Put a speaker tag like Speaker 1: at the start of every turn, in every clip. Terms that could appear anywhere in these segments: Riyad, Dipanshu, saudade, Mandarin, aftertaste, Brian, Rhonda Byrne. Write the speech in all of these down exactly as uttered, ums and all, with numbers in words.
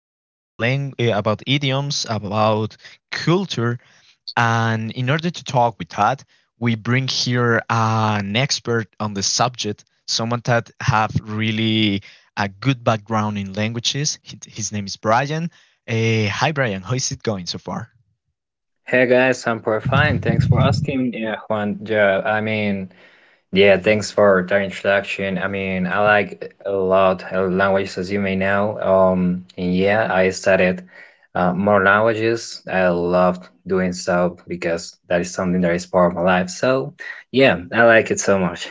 Speaker 1: about lang- eh, about idioms, about culture, and in order to talk with that, we bring here an expert on the subject, someone that have really a good background in languages. His his name is Brian. Eh, hi Brian, how is it going so far?
Speaker 2: Hey guys, I'm pretty fine. Thanks for asking, yeah, Juan. Yeah, I mean, yeah, thanks for the introduction. I mean, I like a lot of languages, as you may know. Um, and Yeah, I studied uh, more languages. I loved doing so because that is something that is part of my life. So, yeah, I like it so much.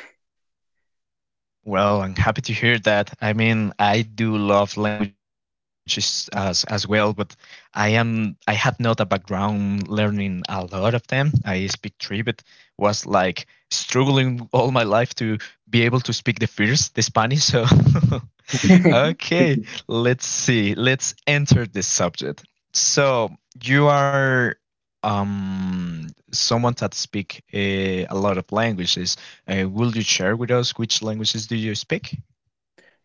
Speaker 1: Well, I'm happy to hear that. I mean, I do love languages as as well, but I am I have not a background learning a lot of them. I speak three, but was like struggling all my life to be able to speak the first, the Spanish. So okay, let's see. Let's enter this subject. So you are um someone that speak uh, a lot of languages. Uh, will you share with us which languages do you speak?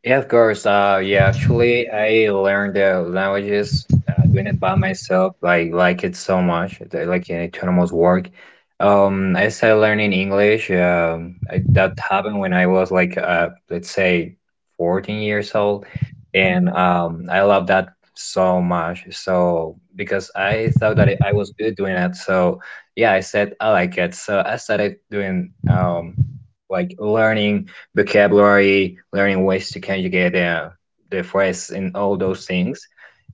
Speaker 2: Yeah, of course. Uh, yeah, actually, I learned the languages uh, doing it by myself. I like it so much. I like an autonomous work. Um, I started learning English. Um, I, that happened when I was like, uh, let's say, fourteen years old, and um, I love that so much. So because I thought that I I was good doing it, so yeah, I said I like it. So I started doing um like learning vocabulary, learning ways to conjugate the the phrase and all those things.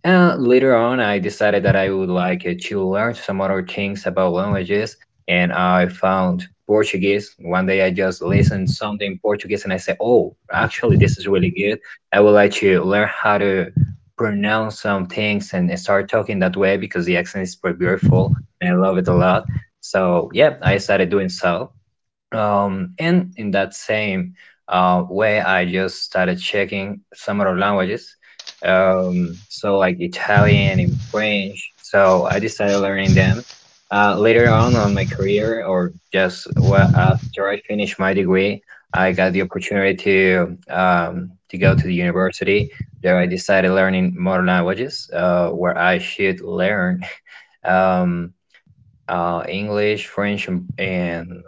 Speaker 2: And later on, I decided that I would like uh, to learn some other things about languages, and I found Portuguese. One day, I just listened something in Portuguese, and I said, "Oh, actually, this is really good. I would like to learn how to pronounce some things and start talking that way because the accent is pretty beautiful, and I love it a lot." So, yeah, I started doing so. Um, and in that same uh, way, I just started checking some other languages. Um, so like Italian and French. So I decided learning them uh, later on on my career, or just well, after I finished my degree, I got the opportunity to um, to go to the university. There, I decided learning more languages, uh, where I should learn um, uh, English, French, and, and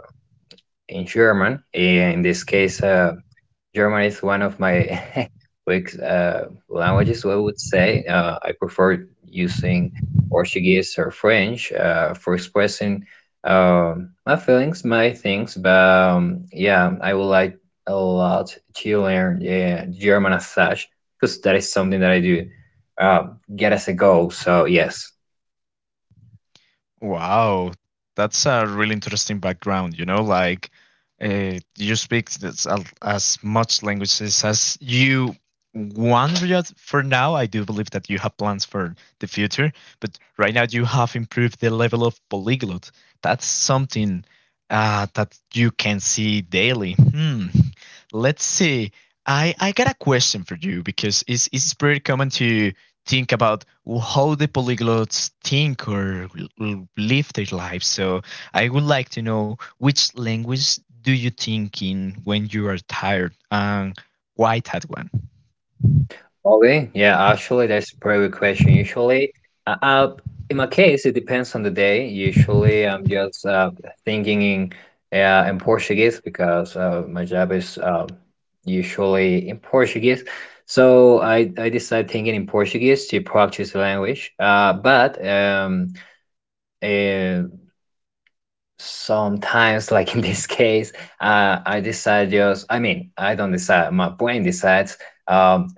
Speaker 2: in German. Eh, In this case, uh, German is one of my weak uh, languages. I would say uh, I prefer using Portuguese or French uh, for expressing um, my feelings, my things. But um, yeah, I would like a lot to learn yeah, German as such because that is something that I do uh, get as a goal. So yes.
Speaker 1: Wow, that's a really interesting background. You know, like uh, you speak this, al- as much languages as you want. Riyad. For now, I do believe that you have plans for the future, but right now you have improved the level of polyglot. That's something uh, that you can see daily. Hmm. Let's see. I, I got a question for you because it's, it's pretty common to think about how the polyglots think or l- live their lives. So I would like to know which language do you think in when you are tired and why that one?
Speaker 2: Okay. Yeah, actually, that's a pretty good question. Usually, uh, uh, in my case, it depends on the day. Usually, I'm just uh, thinking in uh, in Portuguese because uh, my job is uh, usually in Portuguese. So I I decide thinking in Portuguese to practice the language. Uh, but um, uh, sometimes, like in this case, uh, I decide just. I mean, I don't decide. My brain decides. um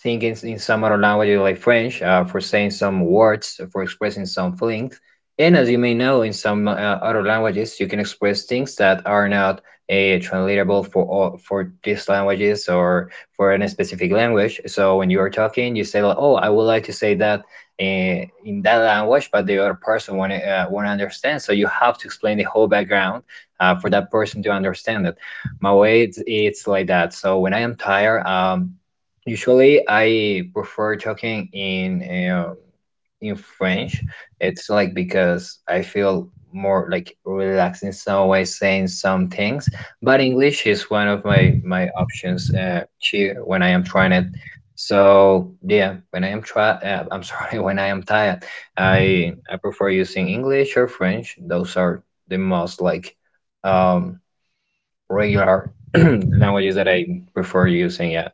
Speaker 2: think in, in some other languages like French uh, for saying some words, for expressing some feelings. And as you may know, in some uh, other languages, you can express things that are not uh, translatable for all, for these languages or for any specific language. So when you are talking, you say like, "Oh, I would like to say that uh, in that language," but the other person won't uh, won't understand. So you have to explain the whole background uh, for that person to understand it. My way, it's, it's like that. So when I am tired, um, usually, I prefer talking in um, in French. It's like because I feel more like relaxed in some way saying some things. But English is one of my my options uh, to when I am trying it. So yeah, when I am try, uh, I'm sorry, when I am tired, I I prefer using English or French. Those are the most like um, regular languages that I prefer using. Yeah.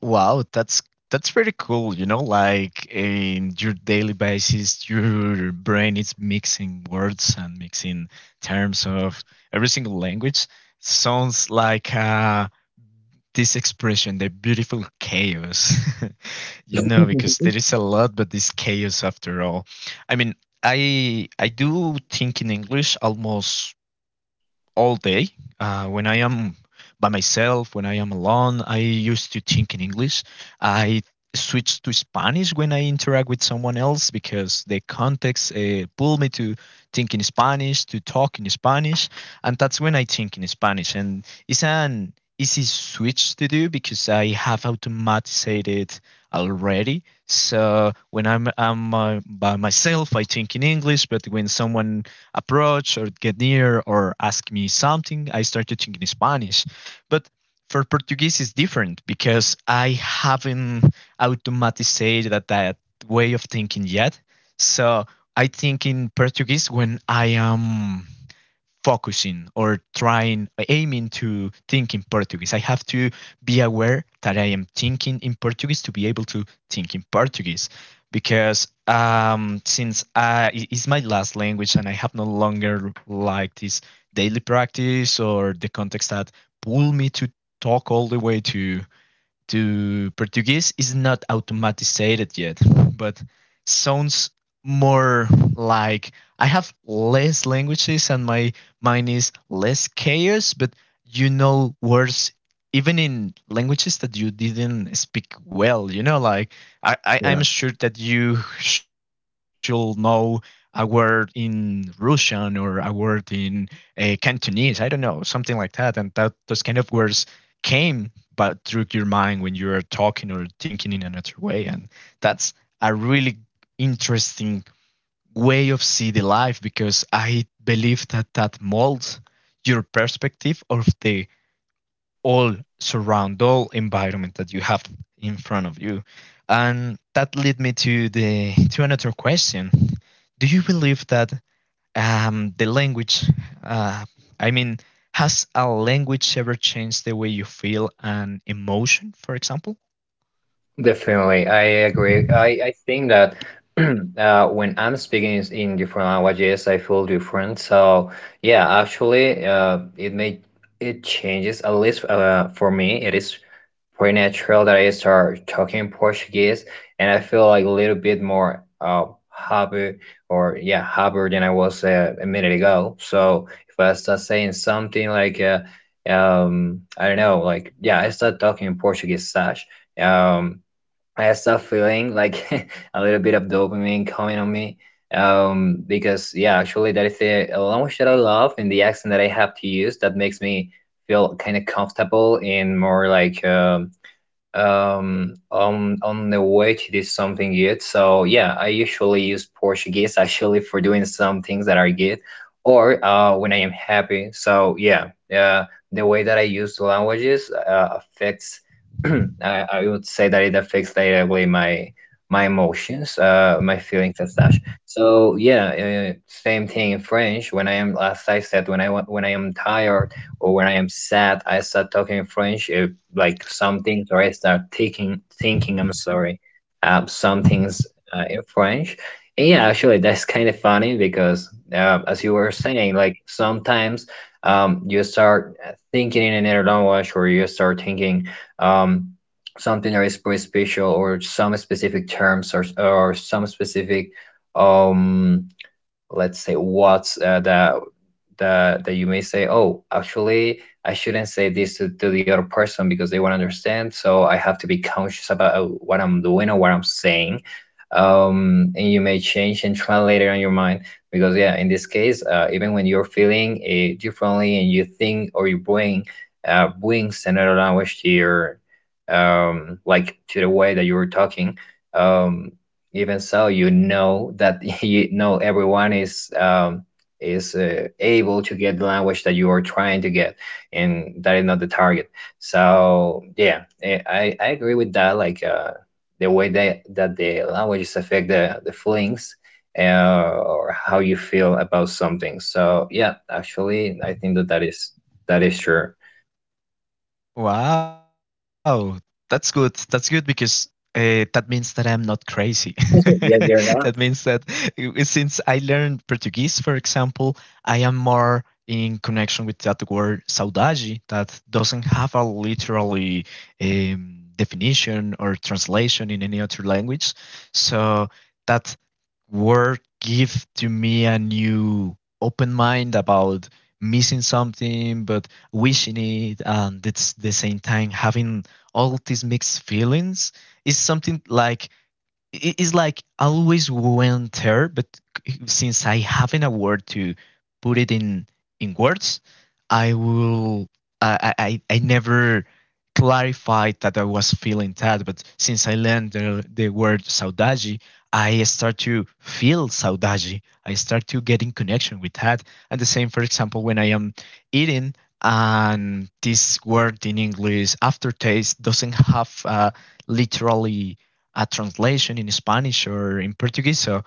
Speaker 1: Wow, that's that's pretty cool. You know, like in your daily basis, your brain is mixing words and mixing terms of every single language. Sounds like uh, this expression, the beautiful chaos. You know, because there is a lot, but this chaos after all. I mean, I I do think in English almost all day. Uh, when I am by myself, when I am alone, I used to think in English. I switch to Spanish when I interact with someone else because the context uh, pull me to think in Spanish, to talk in Spanish, and that's when I think in Spanish. And it's an easy switch to do because I have automated it already. So when I'm, I'm uh, by myself, I think in English, but when someone approach or get near or ask me something, I started thinking Spanish. But for Portuguese, it's different because I haven't automatized that, that way of thinking yet. So I think in Portuguese when I am focusing or trying aiming to think in Portuguese. I have to be aware that i am thinking in Portuguese to be able to think in Portuguese, because um, since I, it's my last language and i have no longer like this daily practice or the context that pull me to talk all the way to to Portuguese is not automatized yet, but sounds more like I have less languages and my mind is less chaos. But you know, words even in languages that you didn't speak well, you know, like I, I,
Speaker 2: Yeah.
Speaker 1: I'm sure that you should know a word in Russian or a word in uh, Cantonese, I don't know, something like that. And that those kind of words came but through your mind when you are talking or thinking in another way. And that's a really interesting way of see the life, because i believe that that molds your perspective of the all surround all environment that you have in front of you. And that led me to the to another question. Do you believe that um, the language. Uh, I mean, has a language ever changed the way you feel an emotion, for example?
Speaker 2: Definitely, I agree. I, I think that uh, when I'm speaking is in different languages, I feel different. So yeah, actually, uh, it may it changes at least uh, for me. It is pretty natural that I start talking Portuguese, and I feel like a little bit more uh, happy or yeah happier than I was uh, a minute ago. So if I start saying something like uh, um, I don't know, like yeah, I start talking in Portuguese, Sash. Um, I start feeling like a little bit of dopamine coming on me. Um, because yeah, actually that is the language that I love and the accent that I have to use that makes me feel kind of comfortable and more like um um on on the way to do something good so yeah I usually use portuguese actually for doing some things that are good or uh when I am happy so yeah uh, the way that I use the languages uh, affects I, I would say that it affects directly my my emotions uh my feelings and such so yeah uh, same thing in french when I am as I said when i wa- when I am tired or when I am sad, I start talking French, uh, like some things, or I start thinking, thinking, I'm sorry, uh, some things uh, in French. And yeah, actually, that's kind of funny because, uh, as you were saying, like sometimes um, you start thinking in another language, or you start thinking um, something that is pretty special, or some specific terms, or, or some specific um let's say what's uh, the the that you may say oh actually I shouldn't say this to, to the other person because they won't understand so I have to be conscious about uh, what I'm doing or what I'm saying um, and you may change and translate it on your mind because yeah in this case uh, even when you're feeling it differently and you think or you bring uh, brings another language to your um, like to the way that you were talking um, even so, you know that you know everyone is um, is uh, able to get the language that you are trying to get, and that is not the target. So yeah, eh, I, I agree with that. Like uh, the way that that the languages affect the the feelings uh, or how you feel about something. So yeah, actually, I think that that is that is true.
Speaker 1: Wow, that's good. That's good because uh, that means that I'm not crazy.
Speaker 2: Yeah,
Speaker 1: That
Speaker 2: they're
Speaker 1: means that
Speaker 2: not.
Speaker 1: uh, since I learned Portuguese, for example, I am more in connection with that word saudade that doesn't have a literally um, definition or translation in any other language. So that word give to me a new open mind about missing something, but wishing it and it's the same time having all these mixed feelings. Is something like i- it's like I always went there, but since I haven't a word to put it in in words, I will. I I I I never clarified that I was feeling that, but since I learned the, the word saudade, I start to feel saudade. I start to get in connection with that. And the same, for example, when I am eating, and this word in English aftertaste doesn't have uh, literally a translation in Spanish or in Portuguese. So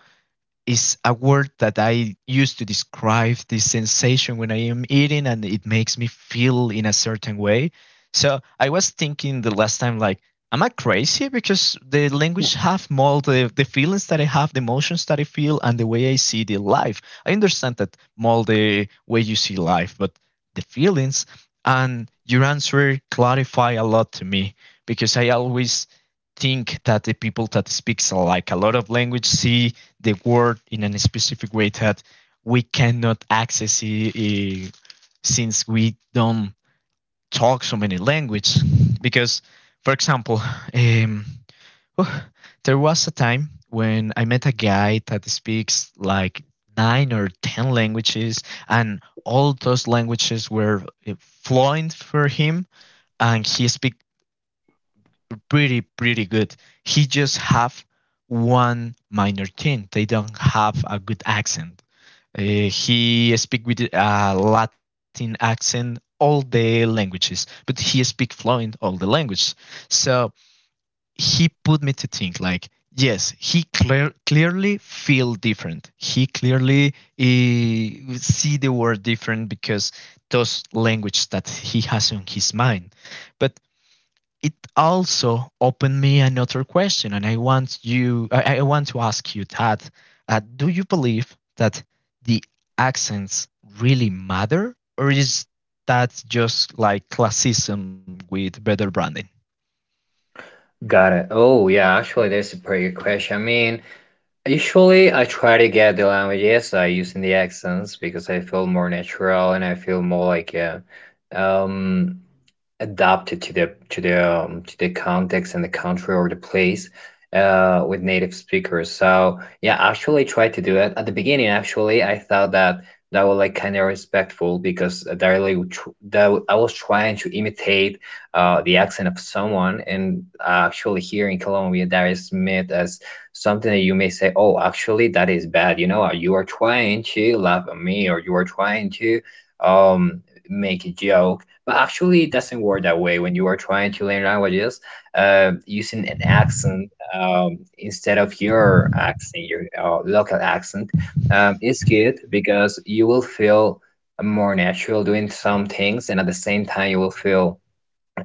Speaker 1: is a word that I use to describe this sensation when I am eating and it makes me feel in a certain way. So I was thinking the last time like, am I crazy? Because the language have more the, the feelings that I have, the emotions that I feel and the way I see the life. I understand that more the way you see life, but the feelings and your answer clarify a lot to me, because I always think that the people that speaks like a lot of language see the word in a specific way that we cannot access it, eh, since we don't talk so many languages. Because, for example, um, oh, there was a time when I met a guy that speaks like nine or ten languages, and all those languages were eh, fluent for him, and he speak pretty pretty good. He just have one minor thing; they don't have a good accent. Uh, he speak with a Latin accent all the languages, but he speak fluent all the language. So he put me to think like, yes, he clear, clearly feel different. He clearly uh, see the word different because those languages that he has on his mind. But it also opened me another question, and I want you, I, I want to ask you that: uh, do you believe that the accents really matter, or is that just like classism with better branding?
Speaker 2: Got it. Oh yeah, actually, that's a pretty good question. I mean. Usually, I try to get the languages I use in the accents because I feel more natural and I feel more like uh, um, adapted to the to the um, to the context and the country or the place uh, with native speakers. So yeah, actually, try to do it at the beginning. Actually, I thought that that was like kind of respectful because that really tr- that I was trying to imitate uh, the accent of someone, and uh, actually here in Colombia that is meant as something that you may say, oh, actually that is bad. You know, Uh, you are trying to laugh at me, or you are trying to um make a joke but actually it doesn't work that way when you are trying to learn languages uh, using an accent um, instead of your accent, your uh, local accent. Um, it's good because you will feel more natural doing some things, and at the same time, you will feel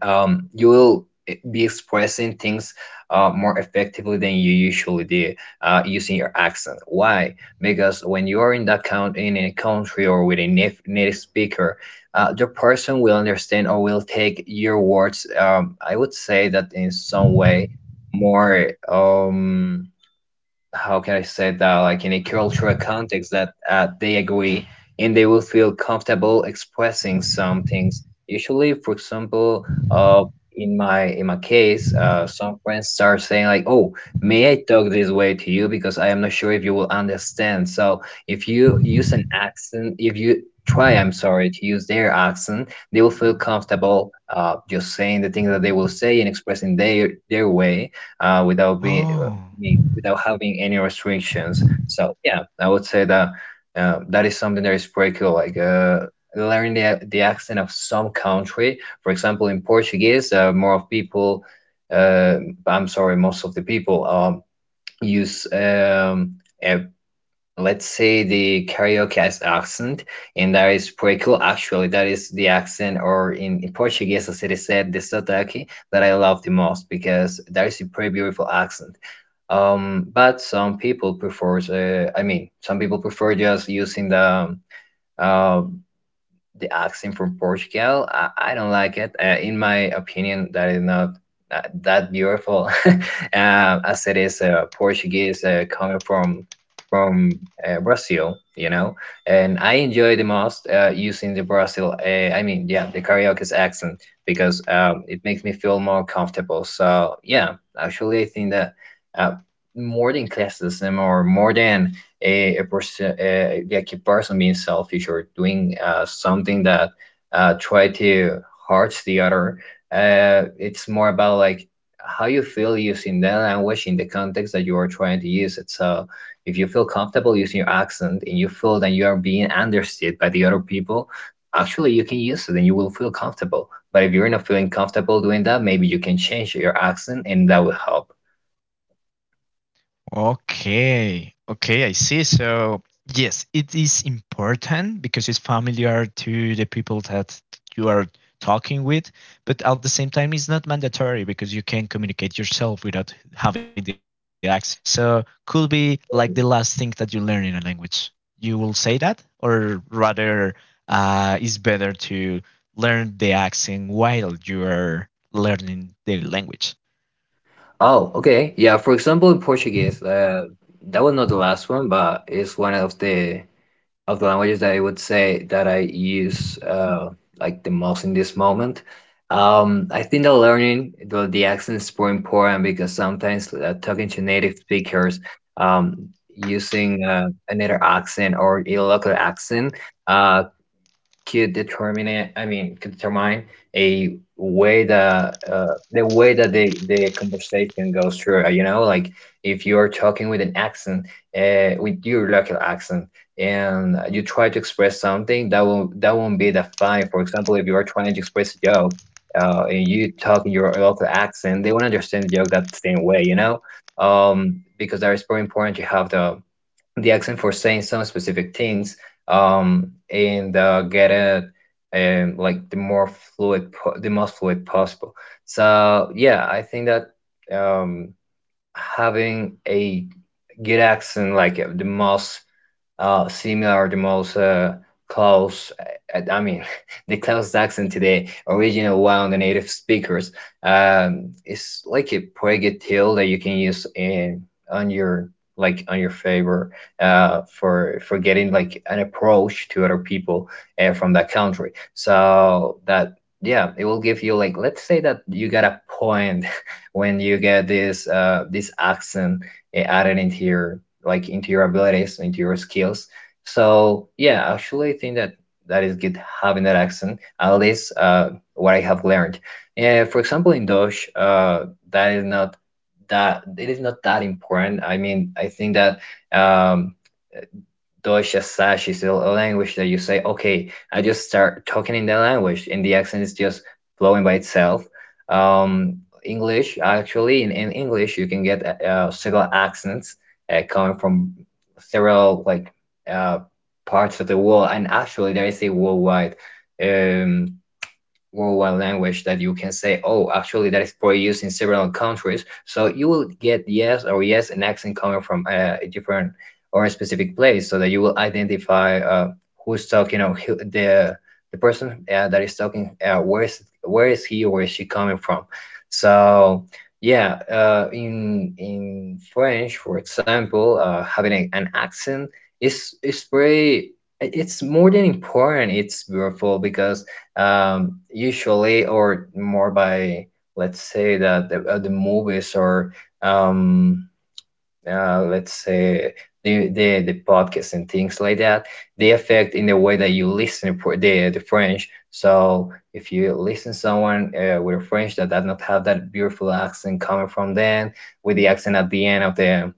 Speaker 2: um, you will be expressing things uh, more effectively than you usually do uh, using your accent. Why? Because when you are in that count in a country or with a naf- native speaker, uh, the person will understand or will take your words. Um, I would say that in some way more. Um, how can I say that, like in a cultural context that uh, they agree and they will feel comfortable expressing some things. Usually, for example, uh, in my in my case, uh, some friends start saying like, "Oh, may I talk this way to you because I am not sure if you will understand." So if you use an accent, if you try, I'm sorry, to use their accent, they will feel comfortable uh, just saying the things that they will say and expressing their their way uh, without being I
Speaker 1: Oh.
Speaker 2: mean, without having any restrictions. So yeah, I would say that uh, that is something that is pretty cool. Like uh, learning the the accent of some country. For example, in Portuguese, uh, more of people, uh, I'm sorry, most of the people um, use um, uh, let's say the karaoke as accent, and that is pretty cool. Actually, that is the accent, or in, in Portuguese, as it is said, the sotaque that I love the most because that is a pretty beautiful accent. Um, but some people prefer, uh, I mean, some people prefer just using the um, uh, the accent from Portugal. I, I don't like it. Uh, in my opinion, that is not uh, that beautiful uh, as it is uh, Portuguese uh, coming from from uh, Brazil, you know. And I enjoy the most uh, using the Brazil, uh, I mean, yeah, the karaoke's accent because um, it makes me feel more comfortable. So yeah, actually, I think that. Uh, More than classism, or more than a, a person, a, like a person being selfish or doing uh, something that uh, try to hurt the other, uh, it's more about like how you feel using that language in the context that you are trying to use it. So if you feel comfortable using your accent, and you feel that you are being understood by the other people, actually you can use it and you will feel comfortable. But if you're not feeling comfortable doing that, maybe you can change your accent, and that will help.
Speaker 1: Okay. Okay, I see. So, yes, it is important because it's familiar to the people that you are talking with, but at the same time, it's not mandatory because you can communicate yourself without having the accent. So, could be like the last thing that you learn in a language. You will say that, or rather, uh, it's better to learn the accent while you are learning the language.
Speaker 2: Oh, okay. Yeah, for example, in Portuguese, uh, that was not the last one, but it's one of the of the languages that I would say that I use uh, like the most in this moment. Um, I think that learning the, the accents is more important because sometimes uh, talking to native speakers, um, using uh, another accent or a local accent, uh, could determine it, I mean could determine a way that uh, the way that the the conversation goes through, you know. Like if you're talking with an accent, uh, with your local accent, and you try to express something that will that won't be that fine. For example, if you are trying to express a joke, uh, and you talk in your local accent, they won't understand the joke that same way, you know. Um, because that is very important, to have the the accent for saying some specific things, um and uh, get it, um like the more fluid po- the most fluid possible. So yeah, I think that um having a good accent, like uh, the most uh, similar, the most uh, close. I, I mean, the close accent to the original one, the native speakers. Um, it's like a pretty good tool that you can use in on your like on your favor, uh, for for getting like an approach to other people uh, from that country. So that, yeah, it will give you, like, let's say that you got a point when you get this uh, this accent, eh, added into your, like into your abilities, into your skills. So yeah, actually, I think that that is good having that accent. At least uh, what I have learned. Yeah, for example, in Dutch, uh, that is not, that it is not that important. I mean, I think that um, Deutsch as such is a language that you say, okay, I just start talking in the language, and the accent is just flowing by itself. Um, English, actually, in, in English, you can get uh, several accents uh, coming from several, like uh, parts of the world, and actually, there is a worldwide, um, worldwide language that you can say, oh, actually, that is probably used in several countries. So you will get, yes or yes, an accent coming from uh, a different or a specific place, so that you will identify uh, who's talking, or who, the the person uh, that is talking. Uh, where is where is he, or where is she coming from? So. Yeah, uh, in in French, for example, uh, having a, an accent is is very, it's more than important. It's beautiful because um, usually, or more by, let's say that the, uh, the movies, or um, uh, let's say the, the the podcasts and things like that, they affect in the way that you listen for the the French. So if you listen someone uh, with a French that does not have that beautiful accent coming from them, with the accent at the end of the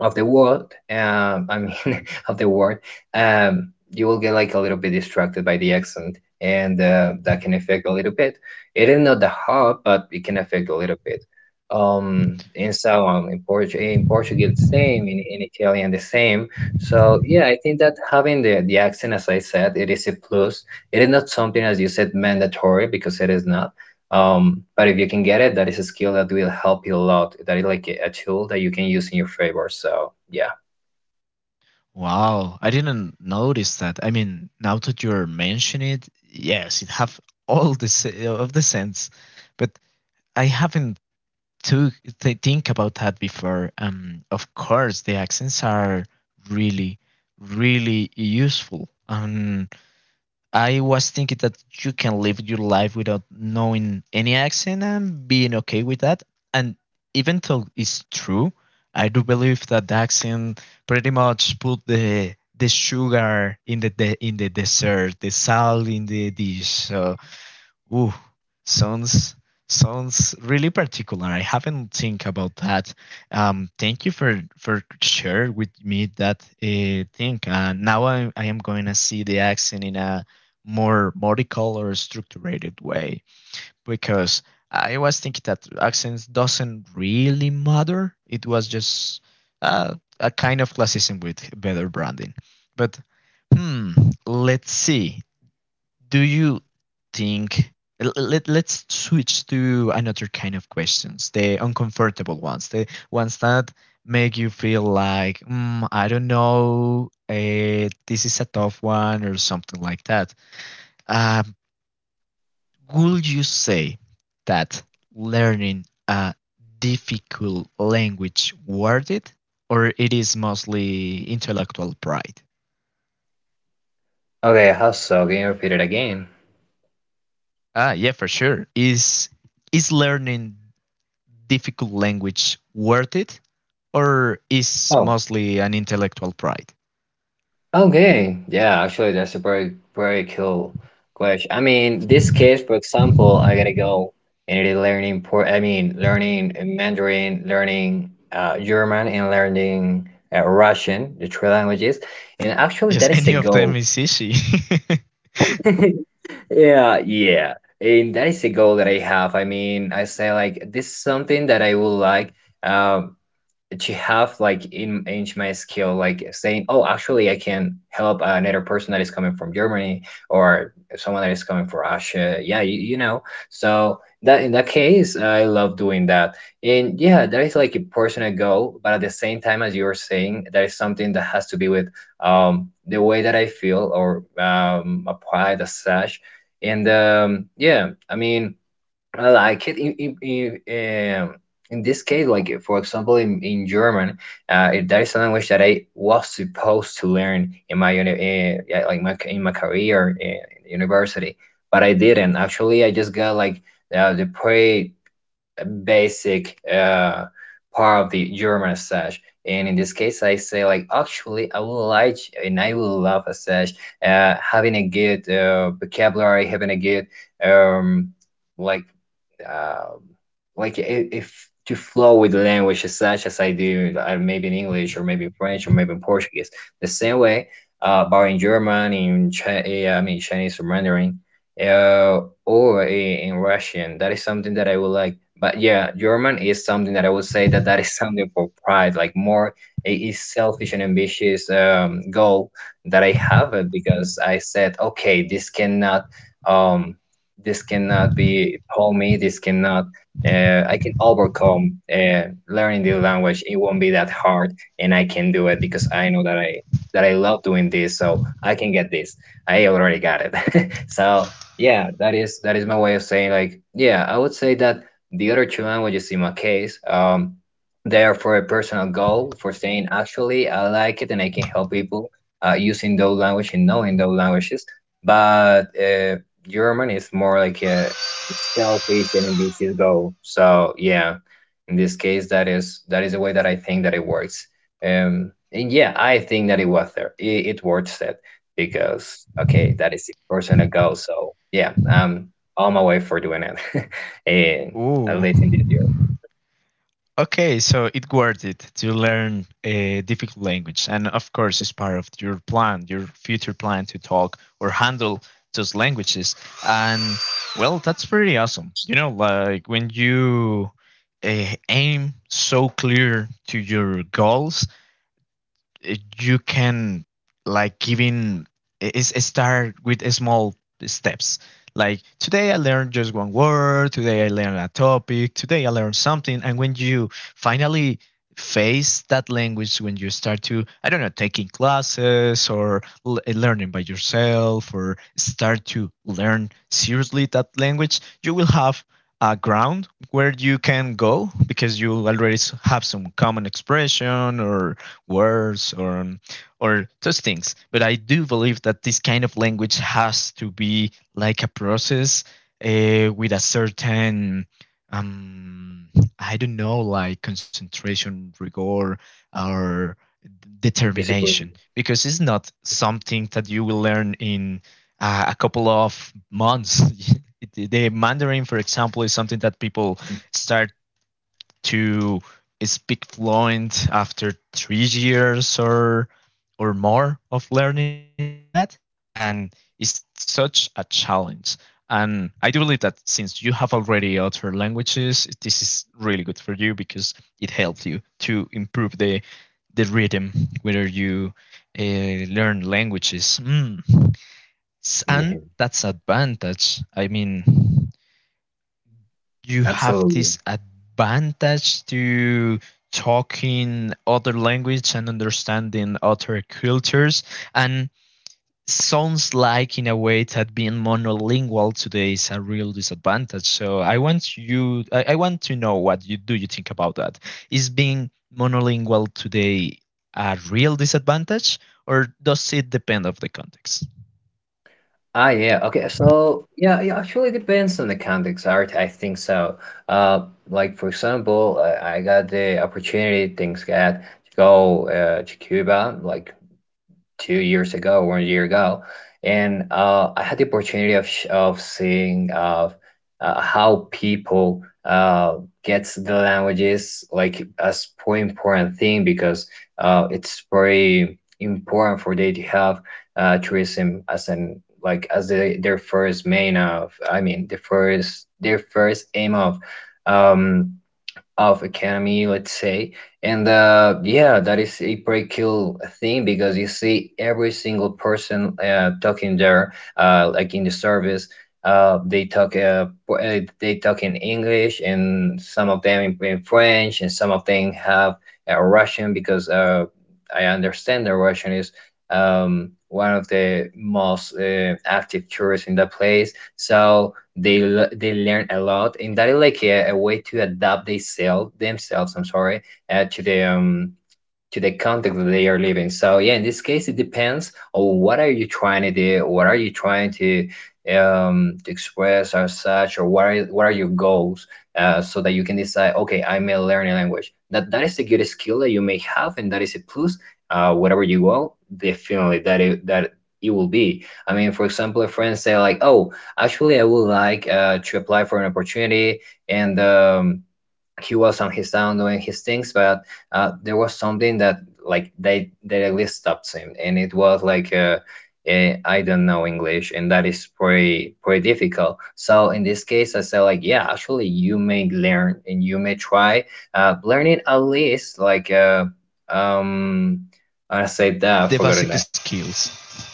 Speaker 2: of the world, um I mean, of the world, um you will get like a little bit distracted by the accent, and uh, that can affect a little bit. It is not that hard, but it can affect a little bit. Um and so on, in, Port- in Portuguese the same, in, in Italian the same. So yeah, I think that having the the accent, as I said, it is a plus. It is not something, as you said, mandatory, because it is not, um, but if you can get it, that is a skill that will help you a lot. That is like a, a tool that you can use in your favor. So yeah.
Speaker 1: Wow, I didn't notice that. I mean, now that you're mentioning it, yes, it have all the se- of the sense, but I haven't to th- think about that before. Um, of course, the accents are really, really useful. Um, I was thinking that you can live your life without knowing any accent and being okay with that. And even though it's true, I do believe that the accent pretty much put the the sugar in the, the in the dessert, the salt in the dish. So ooh, sounds sounds really particular. I haven't think about that. Um, thank you for for share with me that uh, thing. Uh, now I I am going to see the accent in a more modical or structured way, because I was thinking that accents doesn't really matter. It was just uh, a kind of classism with better branding. But hmm, let's see. Do you think l- let, let's switch to another kind of questions, the uncomfortable ones, the ones that make you feel like mm, I don't know, eh, this is a tough one or something like that. um, would you say that learning a difficult language worth it, or it is mostly intellectual pride?
Speaker 2: Okay, how so? Can you repeat it again?
Speaker 1: Ah yeah, for sure. Is is learning difficult language worth it, or is
Speaker 2: Oh.
Speaker 1: mostly an intellectual pride?
Speaker 2: Okay. Yeah, actually that's a very, very cool question. I mean, this case, for example, I gotta go, and it is learning por I mean learning Mandarin, learning uh, German, and learning uh, Russian, the three languages. And actually,
Speaker 1: Yes,
Speaker 2: that is a
Speaker 1: any of them
Speaker 2: goal.
Speaker 1: is easy.
Speaker 2: Yeah, yeah. And that is a goal that I have. I mean, I say like this is something that I would like, uh, to have like in, in my skill, like saying oh, actually I can help another person that is coming from Germany, or someone that is coming from Russia. Yeah, you, you know. So that, in that case, I love doing that, and yeah, that is like a personal goal, but at the same time, as you're saying, that is something that has to be with um the way that I feel, or um applied as such. And um yeah, I mean, I like it. In, in, in, um, in this case, like for example, in, in German, uh, it- that is a language that I was supposed to learn in my uni, uh, yeah, like my, in my career, uh, in university, but I didn't. Actually, I just got like uh, the pretty basic uh, part of the German as such. And in this case, I say like, actually, I would like, and I would love as such, uh, having a good uh, vocabulary, having a good, um like um, like i- if, to flow with the language as such as I do, uh, maybe in English, or maybe in French, or maybe in Portuguese. The same way, uh, but in German, in Chi- eh, I mean Chinese, or Mandarin, uh, or eh, in Russian, that is something that I would like. But yeah, German is something that I would say that that is something for pride, like more, it is selfish and ambitious um, goal that I have, uh, because I said, okay, this cannot, um this cannot be, hold me, this cannot, uh, I can overcome uh, learning the language, it won't be that hard, and I can do it because I know that i that i love doing this, so I can get this. I already got it. So yeah, that is that is my way of saying, like, yeah, I would say that the other two languages, in my case, um they are for a personal goal, for saying actually I like it, and I can help people uh, using those languages and knowing those languages. But uh, German is more like a selfish and ambitious goal. So yeah, in this case, that is that is the way that I think that it works. Um, and yeah, I think that it was there. It, it works, it, because okay, that is a personal goal. So yeah, I'm on my way for doing it, and at
Speaker 1: Ooh.
Speaker 2: least in this year.
Speaker 1: Okay, so it worth it to learn a difficult language, and of course, it's part of your plan, your future plan to talk or handle those languages. And well, that's pretty awesome. You know, like when you uh, aim so clear to your goals, eh, you can like giving eh, is eh, start with a small steps. Like today i learned just one word, today i learned a topic, today i learned something. And when you finally face that language, when you start to, I don't know, taking classes or l- eh, learning by yourself, or start to learn seriously that language, you will have a ground where you can go, because you already s- have some common expression or words or or those things. But I do believe that this kind of language has to be like a process uh, with a certain um, I don't know, like concentration, rigor, or determination,
Speaker 2: Disappointed.
Speaker 1: because it's not something that you will learn in uh, a couple of months. It- the Mandarin, for example, is something that people start to speak fluent after three years or or more of learning that. And it's such a challenge, and i do believe that since you have already other languages, this is really good for you, because it helps you to improve the the rhythm whether you uh, learn languages mm. S- and that's advantage. I mean, you have
Speaker 2: Absolutely.
Speaker 1: this advantage to talking other language and understanding other cultures, and sounds like in a way that being monolingual today is a real disadvantage. So i want you i, I want to know what you do you think about that. Is being monolingual today a real disadvantage, or does it depend of the context?
Speaker 2: Ah, yeah. Okay. So, yeah, it actually depends on the context, art. I think so. Uh, like for example, I, I got the opportunity, things got to go uh, to Cuba, like two years ago, one year ago, and uh, I had the opportunity of sh- of seeing, uh, uh, how people uh, gets the languages like as pretty important thing, because uh, it's very important for they to have uh, tourism as, an like as the, their first main of, I mean the first, their first aim of um, of economy, let's say. And uh, yeah, that is a pretty cool thing because you see every single person uh, talking there, uh, like in the service. Uh, they talk uh, pr- uh, they talk in English, and some of them in, in French, and some of them have uh, Russian, because uh, I understand the Russian is um, one of the most uh, active tourists in that place. So they l- they learn a lot, and that is like a, a way to adapt themselves, themselves. I'm sorry, uh, to the um, to the context that they are living. So yeah, in this case, it depends on what are you trying to do, what are you trying to um, to express or such, or what are what are your goals, uh, so that you can decide. Okay, I may learn a language. That that is a good skill that you may have, and that is a plus. Uh, whatever you go, definitely that it, that it will be. I mean, for example, a friend say like, "Oh, actually, I would like uh, to apply for an opportunity and." Um, he was on his own doing his things, but uh, there was something that like they they really stopped him, and it was like uh, eh, I don't know English, and that is pretty pretty difficult. So in this case, I said like yeah, actually you may learn and you may try uh, learning at least like uh, um I said that I
Speaker 1: The
Speaker 2: forgot
Speaker 1: basic
Speaker 2: it.
Speaker 1: skills.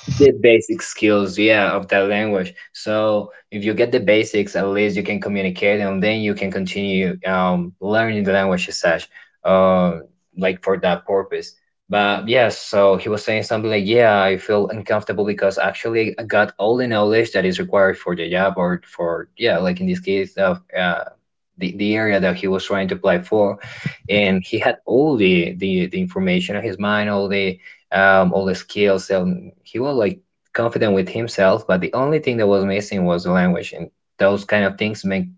Speaker 2: The basic skills, yeah, of that language. So if you get the basics, at least you can communicate, and then you can continue um, learning the language as such, uh, like for that purpose. But yeah, so he was saying something like, "Yeah, I feel uncomfortable because actually I got all the knowledge that is required for the job or for yeah, like in this case of uh, the the area that he was trying to apply for, and he had all the the the information in his mind, all the um, all the skills, and he was like confident with himself. But the only thing that was missing was the language, and those kind of things make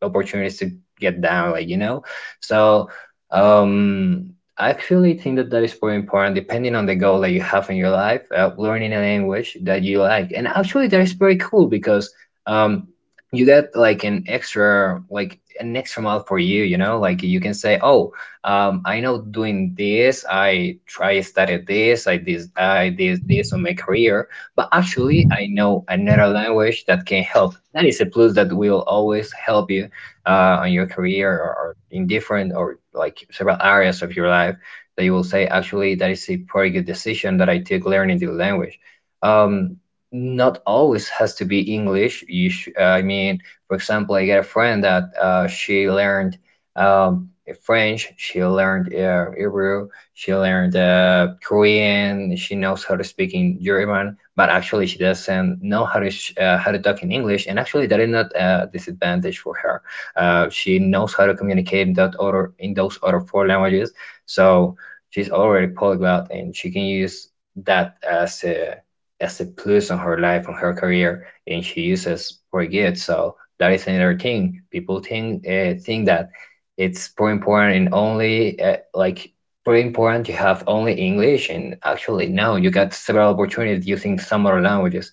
Speaker 2: opportunities to get down, like you know." So um, I actually think that that is pretty important, depending on the goal that you have in your life, uh, learning a language that you like, and actually that is pretty cool because. Um, you get like an extra, like an extra mile for you, you know, like you can say, oh, um, I know doing this, I try studied this, I did, i did this on my career, but actually I know another language that can help. That is a plus that will always help you uh, on your career or, or in different or like several areas of your life, that you will say actually that is a pretty good decision that I took, learning the language. um, Not always has to be English. You sh uh, I mean, for example, I got a friend that uh, she learned um, French, she learned uh, Hebrew, she learned uh, Korean, she knows how to speak in German, but actually she doesn't know how to sh uh, how to talk in English, and actually that is not a disadvantage for her. Uh, she knows how to communicate in that other, in those other four languages, so she's already polyglot and she can use that as a, as a plus on her life, on her career, and she uses pretty good. So that is another thing people think, uh, think that it's pretty important, and only uh, like pretty important to have only English. And actually no, you got several opportunities using some other languages.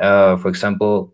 Speaker 2: uh, For example,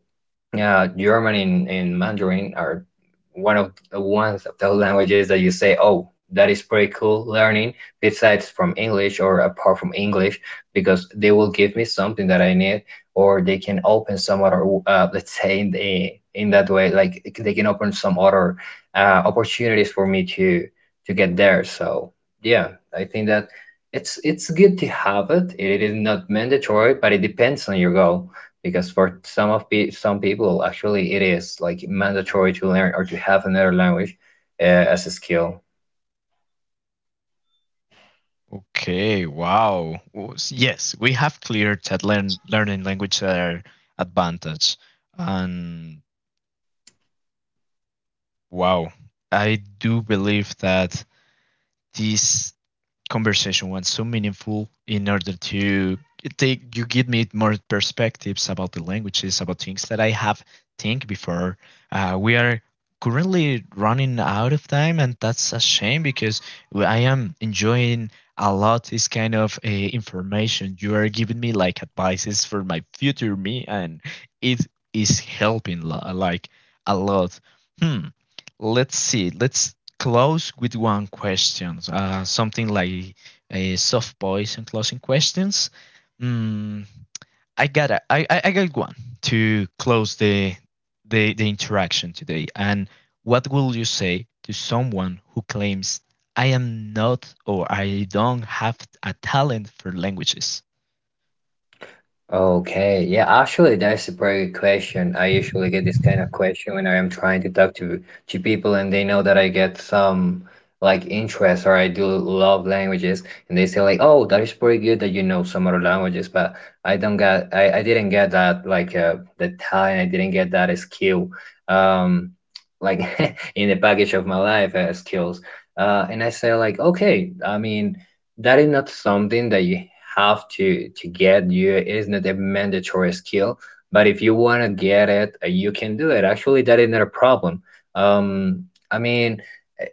Speaker 2: yeah, German and, and Mandarin are one of the ones of those languages that you say, oh, that is pretty cool learning besides from English or apart from English, because they will give me something that I need, or they can open some other uh, let's say in the, in that way, like they can open some other uh, opportunities for me to to get there. So yeah, I think that it's it's good to have it. It is not mandatory, but it depends on your goal, because for some of pe- some people actually it is like mandatory to learn or to have another language uh, as a skill.
Speaker 1: Okay, wow. Oh, s- yes, we have cleared that learn, learning language are advantage. And wow, I do believe that this conversation was so meaningful, in order to take you give me more perspectives about the languages, about things that i have think before. Uh, we are currently running out of time and that's a shame because i am enjoying a lot this kind of uh, information you are giving me, like advices for my future me. And it is helping lo- like a lot. hmm let's see let's close with one question, uh, something like a soft voice and closing questions. Mm, I got a, I, I I got one to close the the the interaction today. And what will you say to someone who claims I am not or I don't have a talent for languages?
Speaker 2: Okay, yeah, actually that's a very good question. I usually get this kind of question when I am trying to talk to to people and they know that I get some like interest or I do love languages, and they say like, oh, that is pretty good that you know some other languages, but I don't get, i, I didn't get that, like uh, the talent, I didn't get that skill, um like in the package of my life uh, skills. Uh, and I say like, okay, I mean, that is not something that you have to to get. You, it is not a mandatory skill, but if you want to get it, uh, you can do it. Actually, that is not a problem. Um, I mean,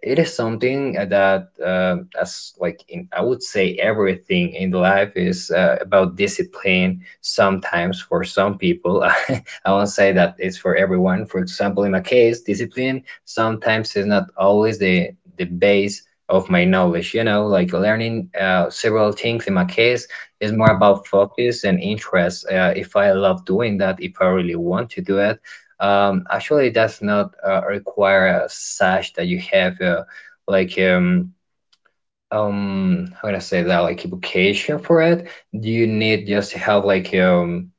Speaker 2: it is something uh, that uh, as like, in I would say everything in life is uh, about discipline. Sometimes, for some people, I won't say that it's for everyone. For example, in my case, discipline sometimes is not always the the base of my knowledge, you know, like learning uh, several things. In my case, is more about focus and interest. Uh, if I love doing that, if I really want to do it, um, actually does not uh, require a sash that you have uh, like um um how can I say that, like a vocation for it. You need just to have like, um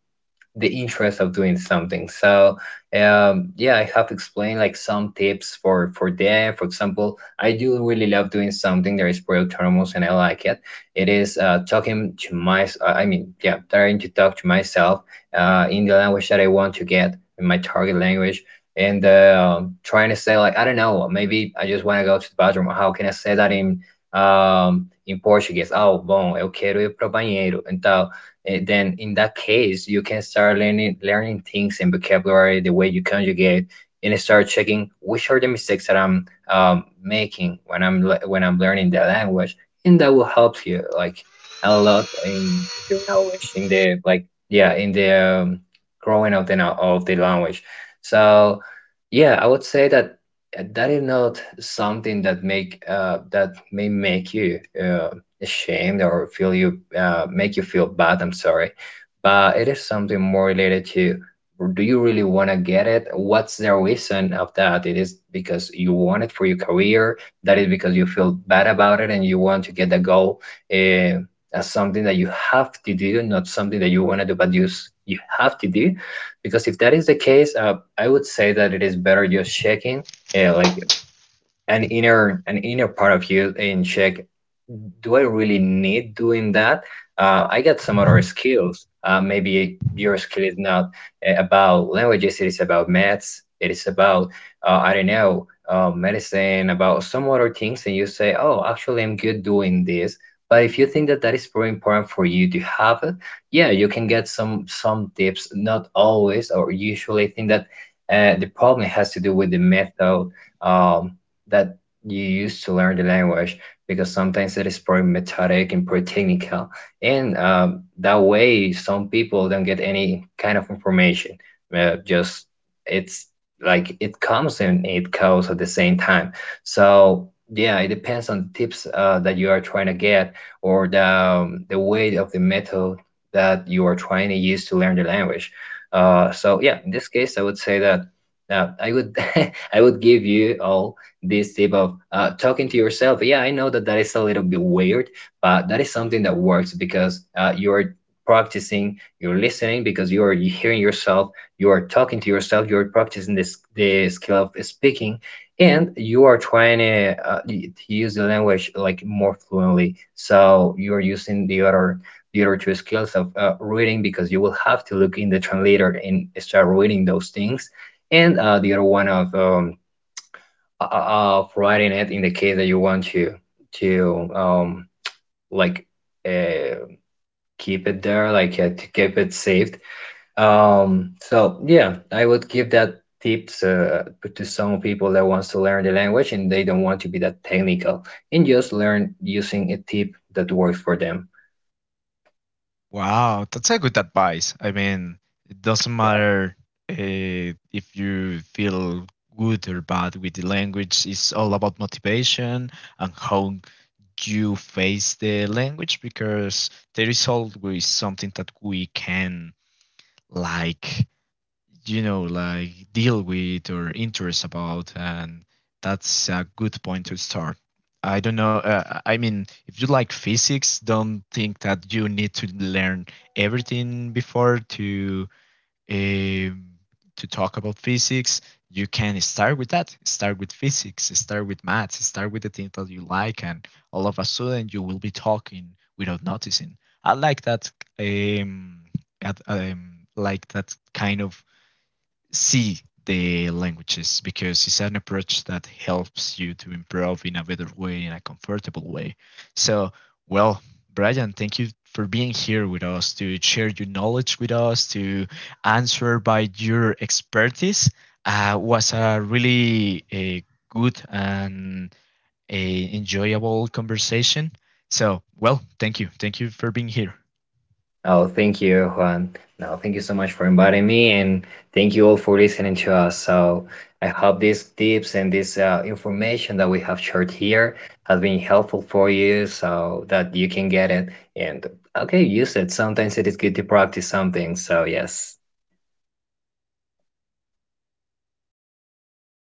Speaker 2: the interest of doing something. So um, yeah, I have explained like some tips for for them. For example, I do really love doing something that is pretty autonomous and I like it. It is uh, talking to my, uh, I mean, yeah, trying to talk to myself uh, in the language that I want to get, in my target language. And uh, um, trying to say like, I don't know, maybe I just want to go to the bathroom. How can I say that in um, in Portuguese? Oh, bom, eu quero ir pro banheiro. Então, eh, then in that case, you can start learning learning things and vocabulary, the way you conjugate, and start checking which are the mistakes that I'm um, making when I'm le- when I'm learning the language, and that will help you like a lot in your knowledge, in the, like yeah, in the um, growing of the know- of the language. So yeah, I would say that uh, that is not something that make uh, that may make you uh, ashamed or feel you uh, make you feel bad. I'm sorry, but it is something more related to, do you really want to get it? What's the reason of that? It is because you want it for your career. That is because you feel bad about it and you want to get the goal uh, as something that you have to do, not something that you want to do, but you s- you have to do. Because if that is the case, uh, I would say that it is better just checking, uh, like an inner an inner part of you and check, do I really need doing that? Uh, I got some other skills. Uh, maybe your skill is not uh, about languages, it is about maths, it is about uh, I don't know, uh, medicine, about some other things, and you say, oh, actually, I'm good doing this. But if you think that that is very important for you to have it, yeah, you can get some some tips. Not always, or usually, I think that uh, the problem has to do with the method um, that you use to learn the language, because sometimes it is pretty methodic and pretty technical. And uh, that way, some people don't get any kind of information. Uh, just it's like it comes and it goes at the same time. So yeah, it depends on the tips uh, that you are trying to get, or the um, the way of the method that you are trying to use to learn the language. Uh, so yeah, in this case, I would say that uh, I would I would give you all this tip of uh, talking to yourself. Yeah, I know that that is a little bit weird, but that is something that works because uh, you're practicing, you're listening because you're hearing yourself, you're talking to yourself, you're practicing this the skill of speaking, and you are trying to, uh, to use the language like more fluently. So you're using the other the other two skills of uh, reading, because you will have to look in the translator and start reading those things, and uh, the other one of um, uh, uh, of writing it, in the case that you want to to um, like uh, keep it there, like uh, to keep it saved. Um, so yeah, I would give that tip to, to some people that wants to learn the language and they don't want to be that technical, and just learn using a tip that works for them.
Speaker 1: Wow, that's a good advice. I mean, it doesn't matter uh, if you feel good or bad with the language. It's all about motivation and how you face the language, because there is always something that we can, like you know like deal with or interest about. And that's a good point to start. I don't know, uh, I mean, if you like physics, don't think that you need to learn everything before to um to talk about physics. You can start with that. Start with physics, start with maths, start with the things that you like, and all of a sudden you will be talking without noticing. I like that. um, at, um like that kind of see the languages, because it's an approach that helps you to improve in a better way, in a comfortable way. So, well, Brian, thank you for being here with us to share your knowledge with us, to answer by your expertise. Uh, was a really a good and a enjoyable conversation. So, well, thank you, thank you for being here.
Speaker 2: Oh, thank you, Juan. No, thank you so much for inviting me, and thank you all for listening to us. So I hope these tips and this uh, information that we have shared here has been helpful for you, so that you can get it and okay, use it. Sometimes it is good to practice something. So yes.
Speaker 1: And